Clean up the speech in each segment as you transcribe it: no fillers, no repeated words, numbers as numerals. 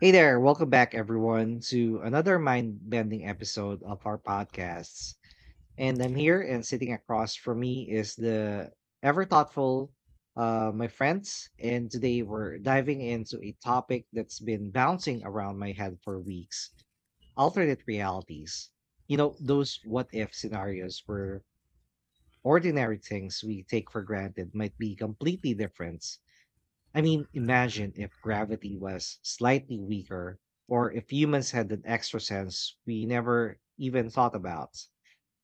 Hey there, welcome back everyone to another mind-bending episode of our podcasts. And I'm here and sitting across from me is the ever thoughtful my friends, and today we're diving into a topic that's been bouncing around my head for weeks, alternate realities. You know, those what if scenarios where ordinary things we take for granted might be completely different. I mean, imagine if gravity was slightly weaker, or if humans had an extra sense we never even thought about.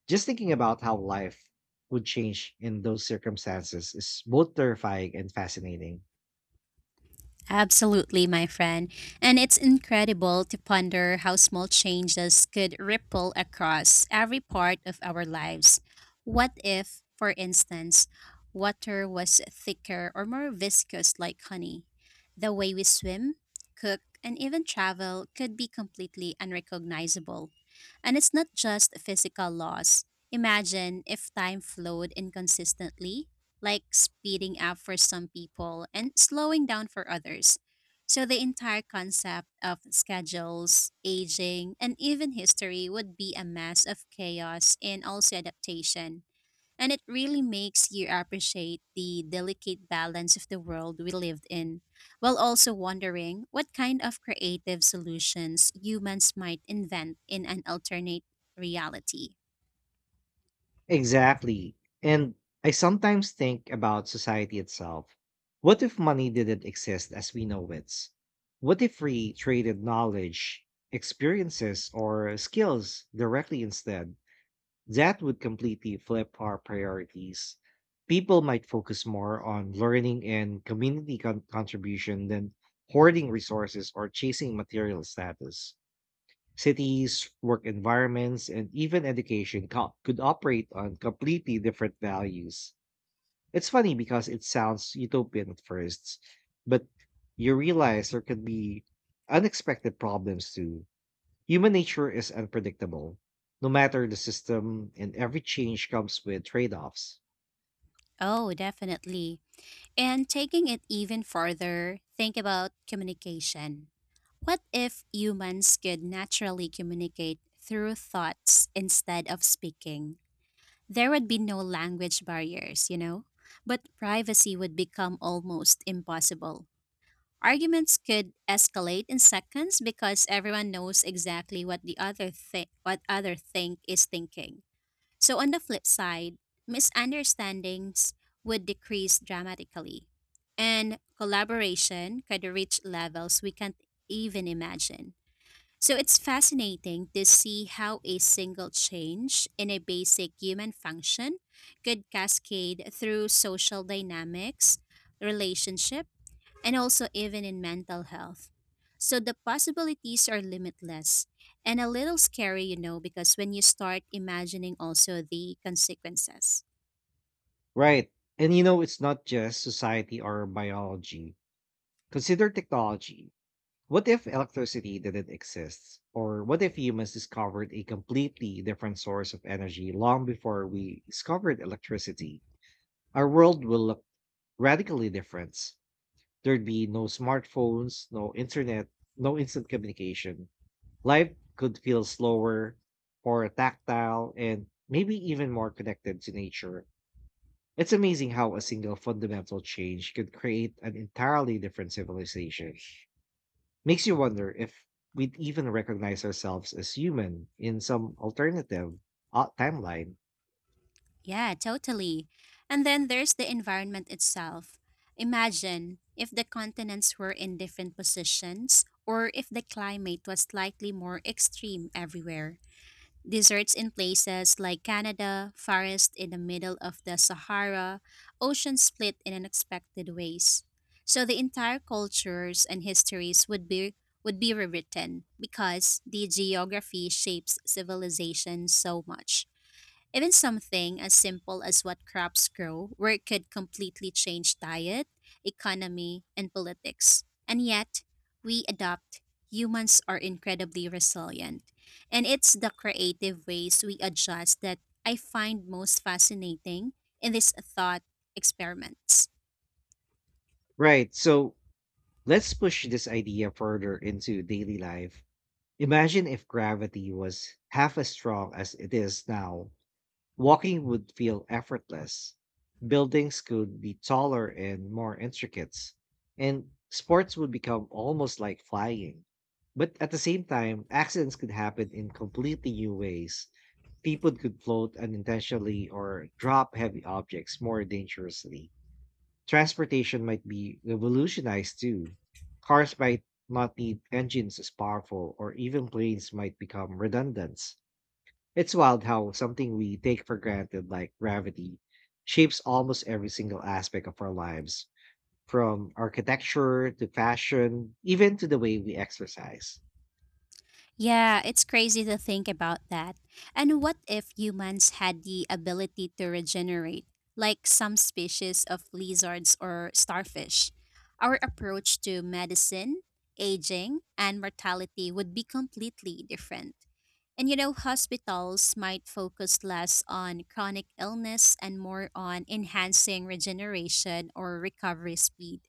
Just thinking about how life would change in those circumstances is both terrifying and fascinating. Absolutely, my friend. And it's incredible to ponder how small changes could ripple across every part of our lives. What if, for instance, water was thicker or more viscous like honey? The way we swim, cook, and even travel could be completely unrecognizable. And it's not just physical loss. Imagine if time flowed inconsistently, like speeding up for some people and slowing down for others. So the entire concept of schedules, aging, and even history would be a mess of chaos and also adaptation. And it really makes you appreciate the delicate balance of the world we lived in, while also wondering what kind of creative solutions humans might invent in an alternate reality. Exactly. And I sometimes think about society itself. What if money didn't exist as we know it? What if we traded knowledge, experiences, or skills directly instead? That would completely flip our priorities. People might focus more on learning and community contribution than hoarding resources or chasing material status. Cities, work environments, and even education could operate on completely different values. It's funny because it sounds utopian at first, but you realize there could be unexpected problems too. Human nature is unpredictable, no matter the system, and every change comes with trade offs. Oh, definitely. And taking it even further, think about communication. What if humans could naturally communicate through thoughts instead of speaking? There would be no language barriers, you know? But privacy would become almost impossible. Arguments could escalate in seconds because everyone knows exactly what what other think is thinking. So, on the flip side, misunderstandings would decrease dramatically, and collaboration could reach levels we can't even imagine. So it's fascinating to see how a single change in a basic human function could cascade through social dynamics, relationships, and also even in mental health. So the possibilities are limitless and a little scary, you know, because when you start imagining also the consequences. Right. And you know, it's not just society or biology. Consider technology. What if electricity didn't exist? Or what if humans discovered a completely different source of energy long before we discovered electricity? Our world will look radically different. There'd be no smartphones, no internet, no instant communication. Life could feel slower, more tactile, and maybe even more connected to nature. It's amazing how a single fundamental change could create an entirely different civilization. Makes you wonder if we'd even recognize ourselves as human in some alternative timeline. Yeah, totally. And then there's the environment itself. Imagine if the continents were in different positions or if the climate was slightly more extreme everywhere. Deserts in places like Canada, forests in the middle of the Sahara, oceans split in unexpected ways. So the entire cultures and histories would be rewritten because the geography shapes civilization so much. Even something as simple as what crops grow, where it could completely change diet, economy, and politics. And yet, we adopt. Humans are incredibly resilient. And it's the creative ways we adjust that I find most fascinating in these thought experiments. Right, so let's push this idea further into daily life. Imagine if gravity was half as strong as it is now. Walking would feel effortless. Buildings could be taller and more intricate, and sports would become almost like flying. But at the same time, accidents could happen in completely new ways. People could float unintentionally or drop heavy objects more dangerously. Transportation might be revolutionized too. Cars might not need engines as powerful, or even planes might become redundant. It's wild how something we take for granted, like gravity, shapes almost every single aspect of our lives, from architecture to fashion, even to the way we exercise. Yeah, it's crazy to think about that. And what if humans had the ability to regenerate, like some species of lizards or starfish? Our approach to medicine, aging, and mortality would be completely different. And you know, hospitals might focus less on chronic illness and more on enhancing regeneration or recovery speed.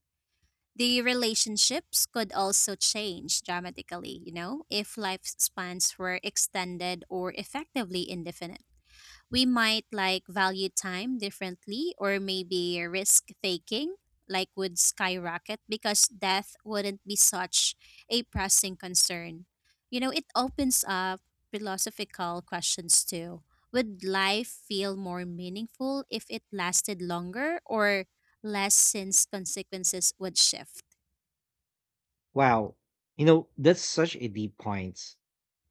The relationships could also change dramatically, you know, if lifespans were extended or effectively indefinite. We might like value time differently, or maybe risk taking like would skyrocket because death wouldn't be such a pressing concern. You know, it opens up philosophical questions too. Would life feel more meaningful if it lasted longer, or less since consequences would shift? Wow, you know, that's such a deep point.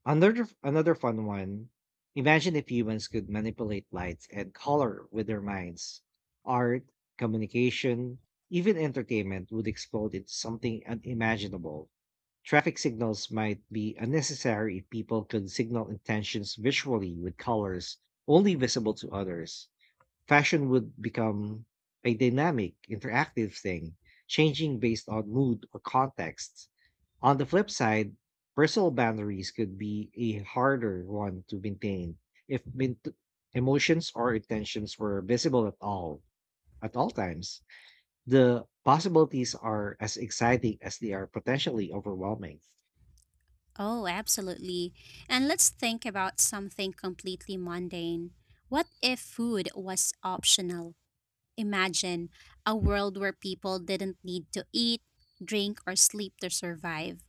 Another fun one. Imagine if humans could manipulate light and color with their minds. Art, communication, even entertainment would explode into something unimaginable. Traffic signals might be unnecessary if people could signal intentions visually with colors only visible to others. Fashion would become a dynamic, interactive thing, changing based on mood or context. On the flip side, personal boundaries could be a harder one to maintain if emotions or intentions were visible at all times. The possibilities are as exciting as they are potentially overwhelming. Oh, absolutely. And let's think about something completely mundane. What if food was optional? Imagine a world where people didn't need to eat, drink, or sleep to survive.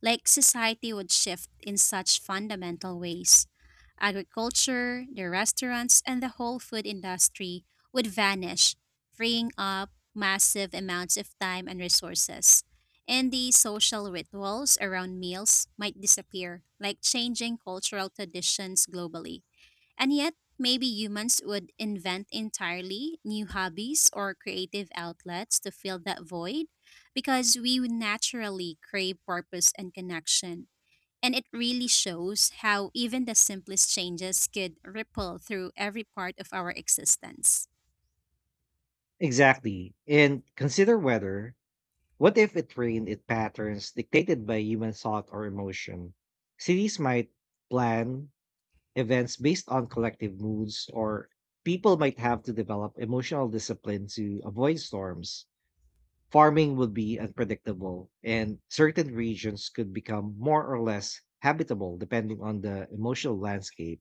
Like society would shift in such fundamental ways. Agriculture, the restaurants, and the whole food industry would vanish, freeing up massive amounts of time and resources. And the social rituals around meals might disappear, like changing cultural traditions globally. And yet, maybe humans would invent entirely new hobbies or creative outlets to fill that void because we would naturally crave purpose and connection. And it really shows how even the simplest changes could ripple through every part of our existence. Exactly. And consider weather. What if it rained in patterns dictated by human thought or emotion? Cities might plan events based on collective moods, or people might have to develop emotional discipline to avoid storms. Farming would be unpredictable, and certain regions could become more or less habitable depending on the emotional landscape.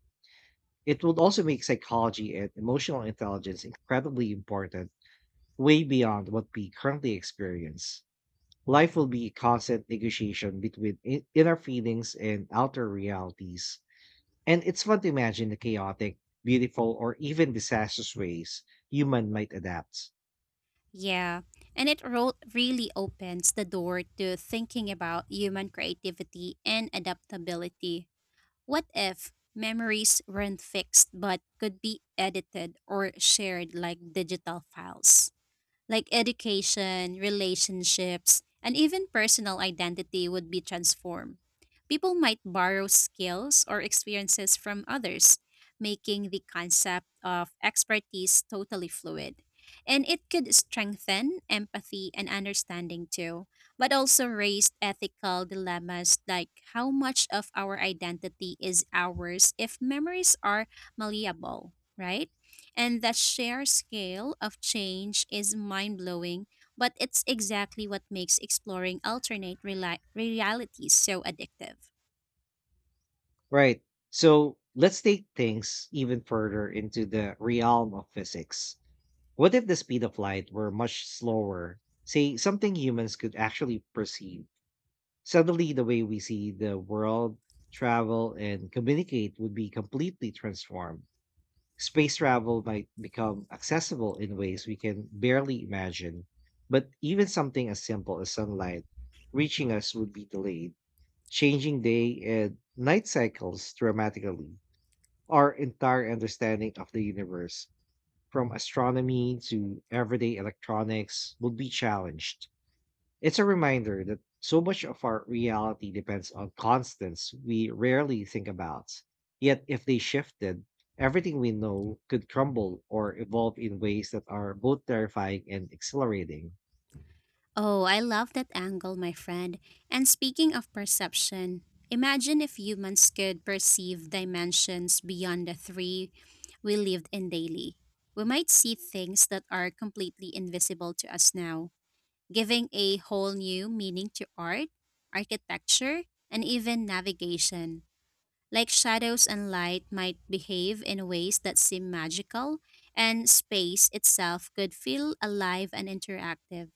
It would also make psychology and emotional intelligence incredibly important, way beyond what we currently experience. Life will be a constant negotiation between inner feelings and outer realities. And it's fun to imagine the chaotic, beautiful, or even disastrous ways human might adapt. Yeah, and really opens the door to thinking about human creativity and adaptability. What if memories weren't fixed but could be edited or shared like digital files? Like education, relationships, and even personal identity would be transformed. People might borrow skills or experiences from others, making the concept of expertise totally fluid. And it could strengthen empathy and understanding too, but also raise ethical dilemmas like how much of our identity is ours if memories are malleable, right? And that sheer scale of change is mind blowing, but it's exactly what makes exploring realities so addictive. Right. So let's take things even further into the realm of physics. What if the speed of light were much slower? Say something humans could actually perceive. Suddenly, the way we see the world, travel, and communicate would be completely transformed. Space travel might become accessible in ways we can barely imagine, but even something as simple as sunlight reaching us would be delayed, changing day and night cycles dramatically. Our entire understanding of the universe, from astronomy to everyday electronics, would be challenged. It's a reminder that so much of our reality depends on constants we rarely think about. Yet, if they shifted, everything we know could crumble or evolve in ways that are both terrifying and exhilarating. Oh, I love that angle, my friend. And speaking of perception, imagine if humans could perceive dimensions beyond the three we lived in daily. We might see things that are completely invisible to us now, giving a whole new meaning to art, architecture, and even navigation. Like shadows and light might behave in ways that seem magical, and space itself could feel alive and interactive.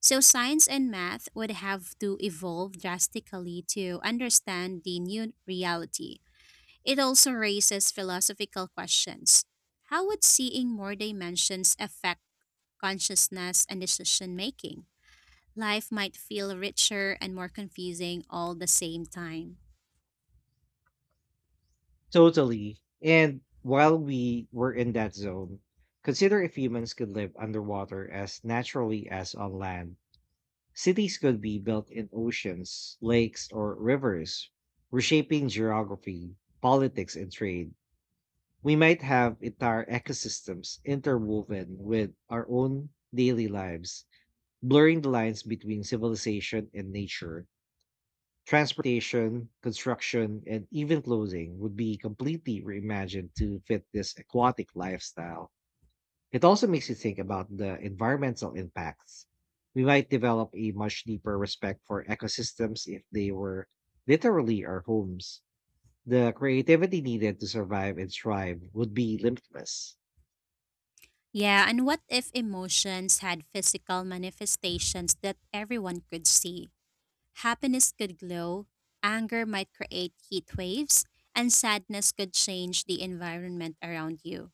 So, science and math would have to evolve drastically to understand the new reality. It also raises philosophical questions. How would seeing more dimensions affect consciousness and decision making? Life might feel richer and more confusing all the same time. Totally. And while we were in that zone, consider if humans could live underwater as naturally as on land. Cities could be built in oceans, lakes, or rivers, reshaping geography, politics, and trade. We might have entire ecosystems interwoven with our own daily lives, blurring the lines between civilization and nature. Transportation, construction, and even clothing would be completely reimagined to fit this aquatic lifestyle. It also makes you think about the environmental impacts. We might develop a much deeper respect for ecosystems if they were literally our homes. The creativity needed to survive and thrive would be limitless. Yeah, and what if emotions had physical manifestations that everyone could see? Happiness could glow, anger might create heat waves, and sadness could change the environment around you.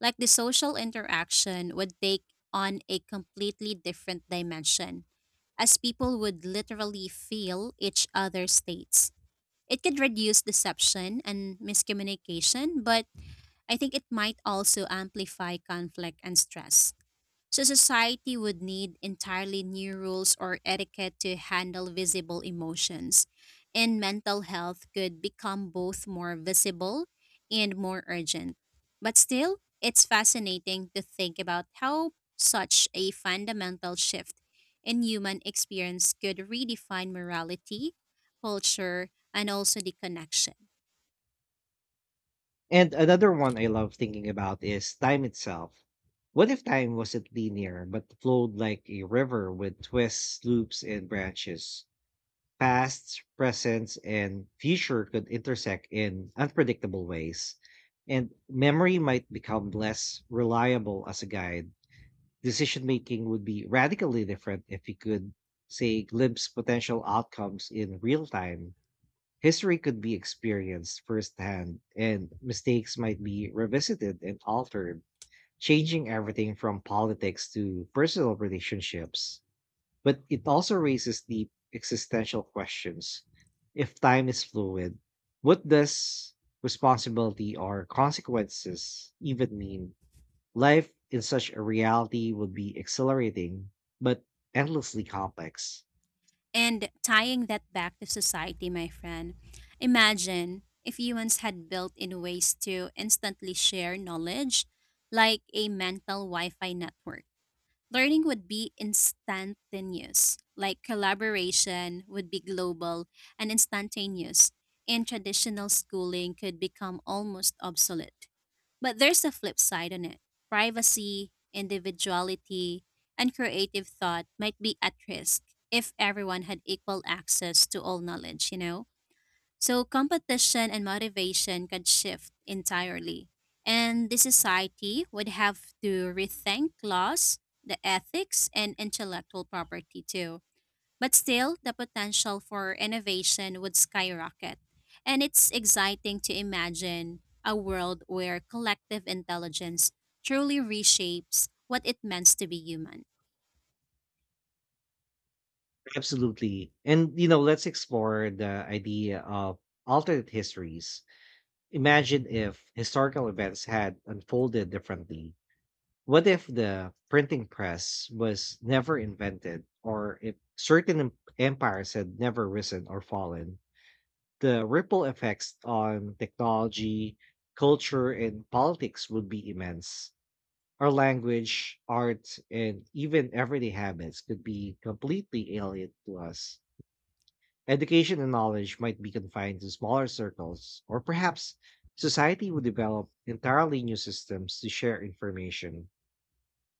Like the social interaction would take on a completely different dimension, as people would literally feel each other's states. It could reduce deception and miscommunication, but I think it might also amplify conflict and stress. So society would need entirely new rules or etiquette to handle visible emotions. And mental health could become both more visible and more urgent. But still, it's fascinating to think about how such a fundamental shift in human experience could redefine morality, culture, and also the connection. And another one I love thinking about is time itself. What if time wasn't linear, but flowed like a river with twists, loops, and branches? Past, present, and future could intersect in unpredictable ways. And memory might become less reliable as a guide. Decision making would be radically different if we could, say, glimpse potential outcomes in real time. History could be experienced firsthand, and mistakes might be revisited and altered, changing everything from politics to personal relationships. But it also raises deep existential questions. If time is fluid, what does responsibility or consequences even mean? Life in such a reality would be exhilarating, but endlessly complex. And tying that back to society, my friend, imagine if humans had built in ways to instantly share knowledge, like a mental Wi Fi network. Learning would be instantaneous, like collaboration would be global and instantaneous, and traditional schooling could become almost obsolete. But there's a flip side on it: privacy, individuality, and creative thought might be at risk if everyone had equal access to all knowledge, you know? So competition and motivation could shift entirely. And the society would have to rethink laws, the ethics, and intellectual property too. But still, the potential for innovation would skyrocket. And it's exciting to imagine a world where collective intelligence truly reshapes what it means to be human. Absolutely. And, you know, let's explore the idea of alternate histories. Imagine if historical events had unfolded differently. What if the printing press was never invented, or if certain empires had never risen or fallen? The ripple effects on technology, culture, and politics would be immense. Our language, art, and even everyday habits could be completely alien to us. Education and knowledge might be confined to smaller circles, or perhaps society would develop entirely new systems to share information.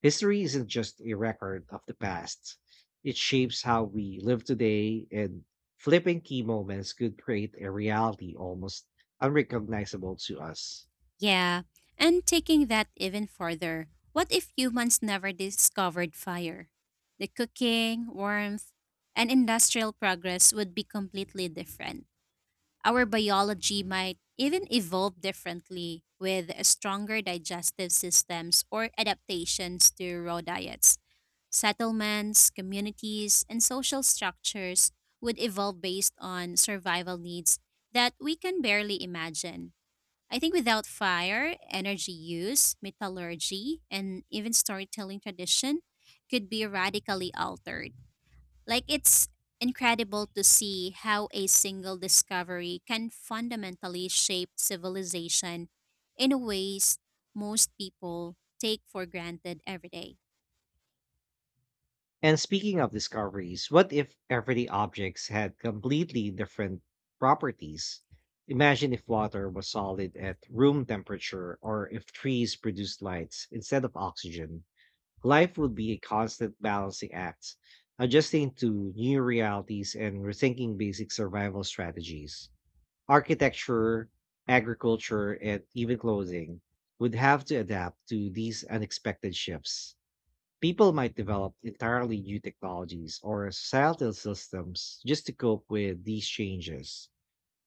History isn't just a record of the past, it shapes how we live today, and flipping key moments could create a reality almost unrecognizable to us. Yeah, and taking that even further, what if humans never discovered fire? The cooking, warmth, and industrial progress would be completely different. Our biology might even evolve differently with stronger digestive systems or adaptations to raw diets. Settlements, communities, and social structures would evolve based on survival needs that we can barely imagine. I think without fire, energy use, metallurgy, and even storytelling tradition could be radically altered. Like it's incredible to see how a single discovery can fundamentally shape civilization in ways most people take for granted every day. And speaking of discoveries, what if everyday objects had completely different properties? Imagine if water was solid at room temperature or if trees produced lights instead of oxygen. Life would be a constant balancing act, adjusting to new realities and rethinking basic survival strategies. Architecture, agriculture, and even clothing would have to adapt to these unexpected shifts. People might develop entirely new technologies or societal systems just to cope with these changes.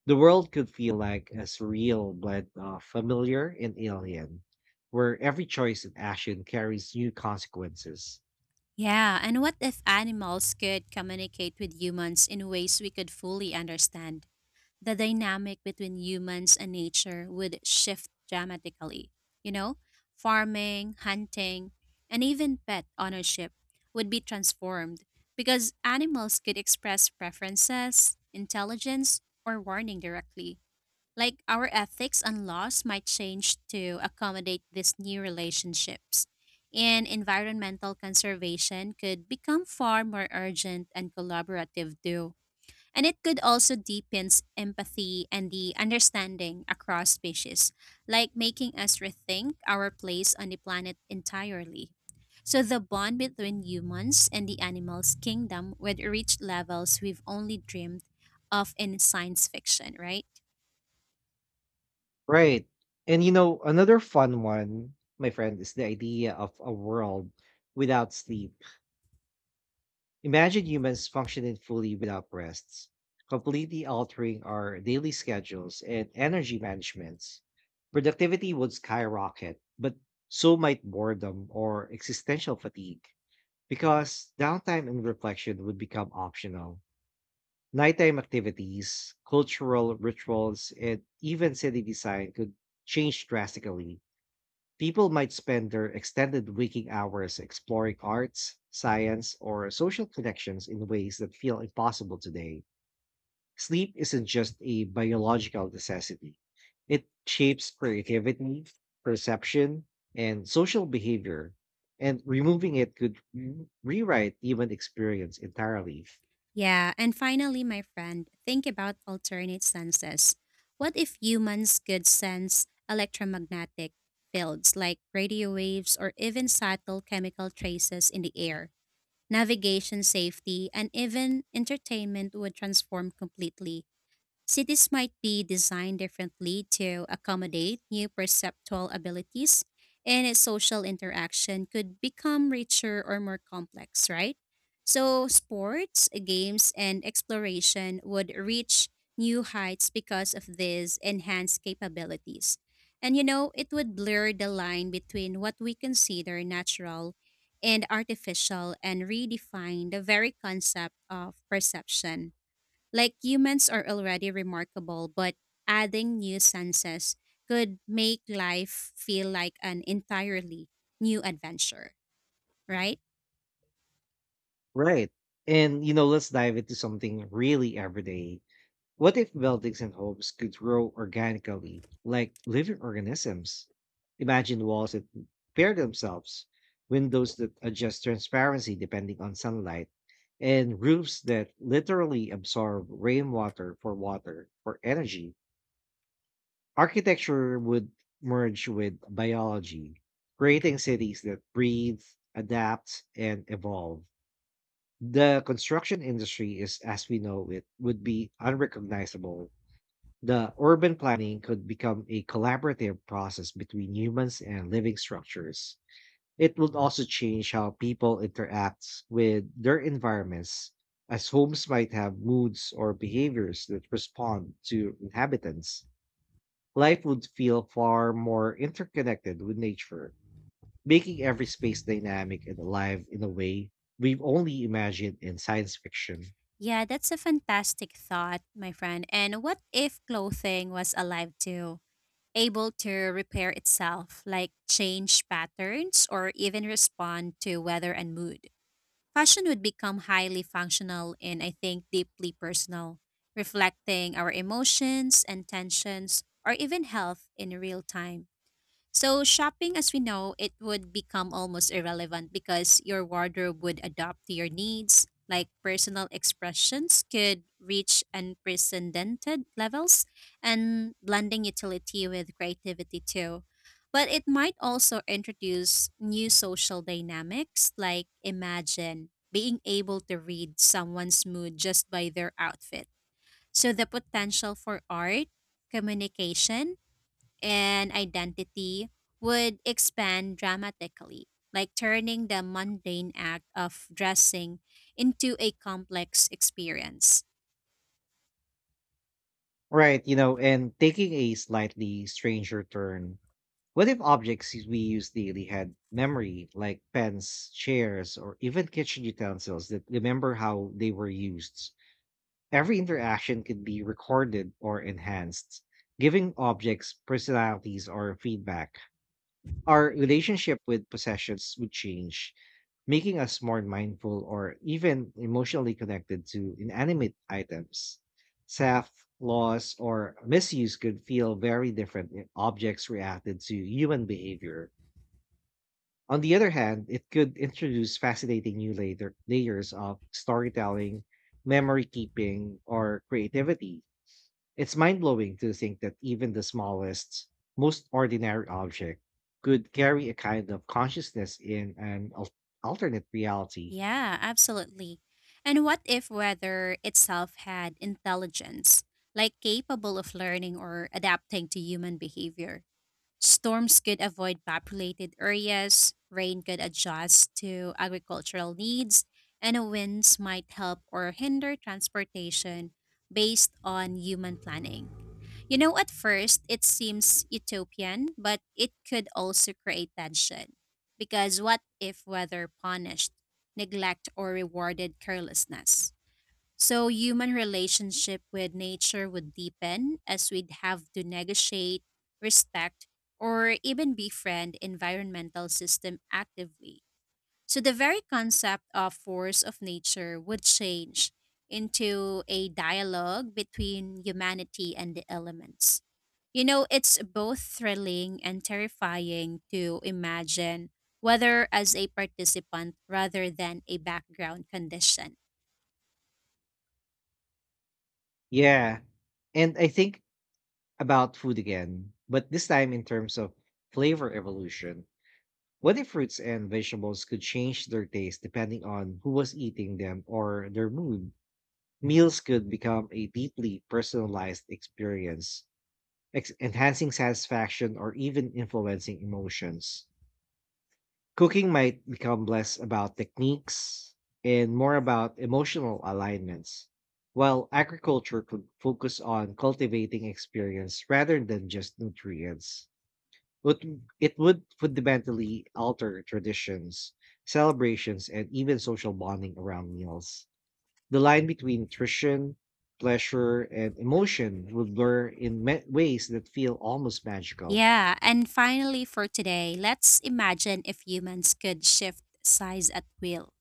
The world could feel like a surreal blend of familiar and alien, where every choice and action carries new consequences. Yeah, and what if animals could communicate with humans in ways we could fully understand? The dynamic between humans and nature would shift dramatically. You know, farming, hunting, and even pet ownership would be transformed because animals could express preferences, intelligence, or warning directly. Like our ethics and laws might change to accommodate these new relationships. And environmental conservation could become far more urgent and collaborative, too, and it could also deepen empathy and the understanding across species, like making us rethink our place on the planet entirely. So the bond between humans and the animals kingdom would reach levels we've only dreamed of in science fiction, right? Right. And you know, another fun one, my friend, is the idea of a world without sleep. Imagine humans functioning fully without rests, completely altering our daily schedules and energy managements. Productivity would skyrocket, but so might boredom or existential fatigue, because downtime and reflection would become optional. Nighttime activities, cultural rituals, and even city design could change drastically. People might spend their extended waking hours exploring arts, science, or social connections in ways that feel impossible today. Sleep isn't just a biological necessity, it shapes creativity, perception, and social behavior, and removing it could rewrite human experience entirely. Yeah, and finally, my friend, think about alternate senses. What if humans could sense electromagnetic fields like radio waves or even subtle chemical traces in the air? Navigation, safety, and even entertainment would transform completely. Cities might be designed differently to accommodate new perceptual abilities, and its social interaction could become richer or more complex, right? So sports, games, and exploration would reach new heights because of these enhanced capabilities. And you know, it would blur the line between what we consider natural and artificial and redefine the very concept of perception. Like humans are already remarkable, but adding new senses could make life feel like an entirely new adventure, right? Right. And, you know, let's dive into something really everyday. What if buildings and homes could grow organically, like living organisms? Imagine walls that pair themselves, windows that adjust transparency depending on sunlight, and roofs that literally absorb rainwater for water for energy. Architecture would merge with biology, creating cities that breathe, adapt, and evolve. The construction industry is as we know it would be unrecognizable. The urban planning could become a collaborative process between humans and living structures. It would also change how people interact with their environments, as homes might have moods or behaviors that respond to inhabitants. Life would feel far more interconnected with nature, making every space dynamic and alive in a way we've only imagined in science fiction. Yeah, that's a fantastic thought, my friend. And what if clothing was alive too, able to repair itself, like change patterns or even respond to weather and mood? Fashion would become highly functional and I think deeply personal, reflecting our emotions, intentions, or even health in real time. So shopping as we know, it would become almost irrelevant because your wardrobe would adapt to your needs, like personal expressions could reach unprecedented levels and blending utility with creativity too. But it might also introduce new social dynamics, like imagine being able to read someone's mood just by their outfit. So the potential for art, communication, and identity would expand dramatically, like turning the mundane act of dressing into a complex experience. Right, you know, and taking a slightly stranger turn, what if objects we use daily had memory, like pens, chairs, or even kitchen utensils that remember how they were used? Every interaction could be recorded or enhanced, giving objects personalities or feedback. Our relationship with possessions would change, making us more mindful or even emotionally connected to inanimate items. Theft, loss, or misuse could feel very different if objects reacted to human behavior. On the other hand, it could introduce fascinating new layers of storytelling, memory keeping, or creativity. It's mind blowing to think that even the smallest, most ordinary object could carry a kind of consciousness in an alternate reality. Yeah, absolutely. And what if weather itself had intelligence, like capable of learning or adapting to human behavior? Storms could avoid populated areas, rain could adjust to agricultural needs, and winds might help or hinder transportation based on human planning. You know, at first, it seems utopian, but it could also create tension. Because what if weather punished neglect or rewarded carelessness? So human relationship with nature would deepen as we'd have to negotiate, respect, or even befriend environmental system actively. So the very concept of force of nature would change into a dialogue between humanity and the elements. You know, it's both thrilling and terrifying to imagine, whether as a participant rather than a background condition. Yeah. And I think about food again, but this time in terms of flavor evolution. What if fruits and vegetables could change their taste depending on who was eating them or their mood? Meals could become a deeply personalized experience, enhancing satisfaction or even influencing emotions. Cooking might become less about techniques and more about emotional alignments, while agriculture could focus on cultivating experience rather than just nutrients. But it would fundamentally alter traditions, celebrations, and even social bonding around meals. The line between nutrition, pleasure, and emotion will blur in ways that feel almost magical. Yeah, and finally for today, let's imagine if humans could shift size at will.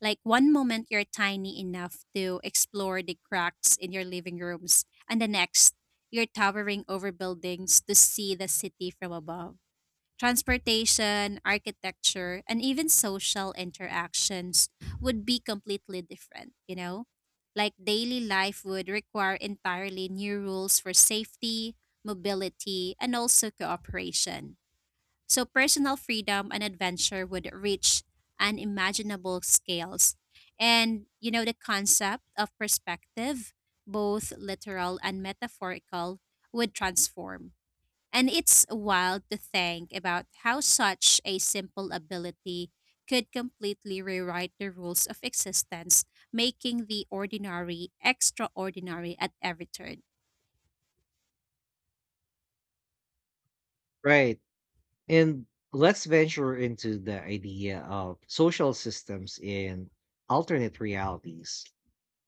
Like one moment you're tiny enough to explore the cracks in your living rooms, and the next, you're towering over buildings to see the city from above. Transportation, architecture, and even social interactions would be completely different, you know? Like daily life would require entirely new rules for safety, mobility, and also cooperation. So personal freedom and adventure would reach unimaginable scales. And, you know, the concept of perspective, both literal and metaphorical, would transform, and it's wild to think about how such a simple ability could completely rewrite the rules of existence, making the ordinary extraordinary at every turn. Right. And let's venture into the idea of social systems in alternate realities.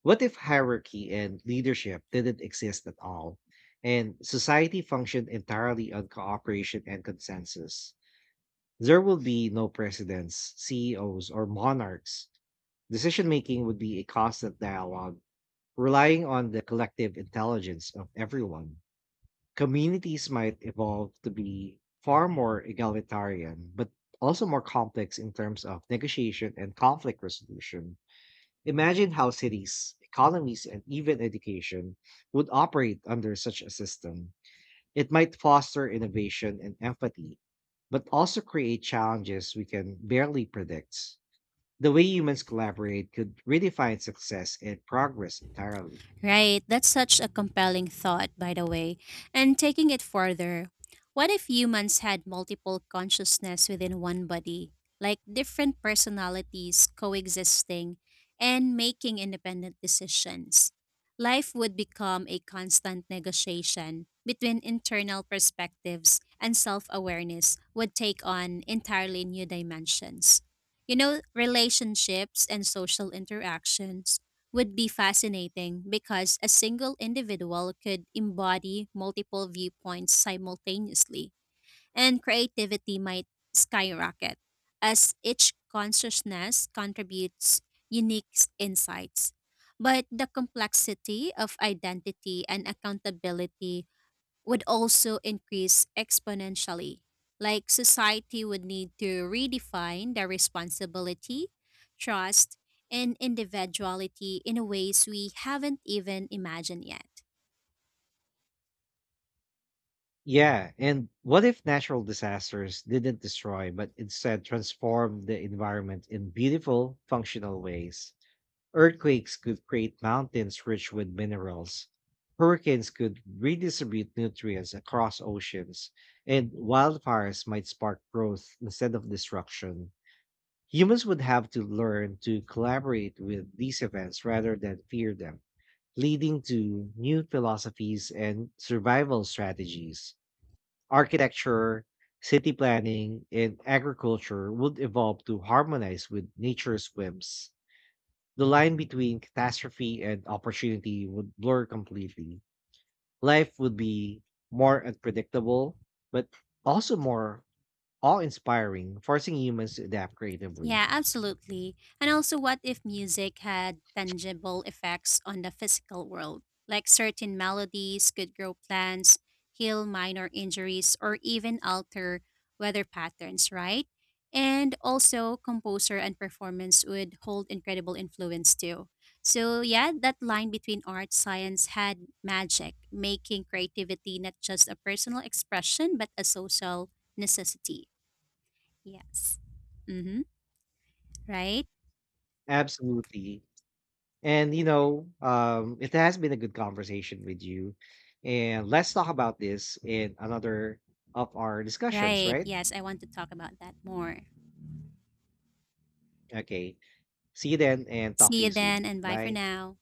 What if hierarchy and leadership didn't exist at all, and society functioned entirely on cooperation and consensus? There would be no presidents, CEOs, or monarchs. Decision making would be a constant dialogue. Relying on the collective intelligence of everyone, communities might evolve to be far more egalitarian, but also more complex in terms of negotiation and conflict resolution. Imagine how cities, economies, and even education would operate under such a system. It might foster innovation and empathy, but also create challenges we can barely predict. The way humans collaborate could redefine success and progress entirely. Right, that's such a compelling thought, by the way. And taking it further, what if humans had multiple consciousness within one body, like different personalities coexisting and making independent decisions? Life would become a constant negotiation between internal perspectives, and self awareness would take on entirely new dimensions. You know, relationships and social interactions would be fascinating because a single individual could embody multiple viewpoints simultaneously, and creativity might skyrocket as each consciousness contributes insights. But the complexity of identity and accountability would also increase exponentially. Like society would need to redefine the responsibility, trust, and individuality in ways we haven't even imagined yet. Yeah, and what if natural disasters didn't destroy, but instead transform the environment in beautiful, functional ways? Earthquakes could create mountains rich with minerals. Hurricanes could redistribute nutrients across oceans, and wildfires might spark growth instead of destruction. Humans would have to learn to collaborate with these events rather than fear them, leading to new philosophies and survival strategies. Architecture, city planning, and agriculture would evolve to harmonize with nature's whims. The line between catastrophe and opportunity would blur completely. Life would be more unpredictable, but also more awe inspiring, forcing humans to adapt creatively. Yeah, absolutely. And also, what if music had tangible effects on the physical world? Like certain melodies could grow plants, heal minor injuries, or even alter weather patterns, right? And also, composer and performance would hold incredible influence too. So, yeah, that line between art science had magic, making creativity not just a personal expression, but a social necessity. Yes. Mm-hmm. Right? Absolutely. And, you know, it has been a good conversation with you. And let's talk about this in another of our discussions, Right. right? Yes, I want to talk about that more. Okay. See you then and talk to See you you soon. then and bye for Bye. now.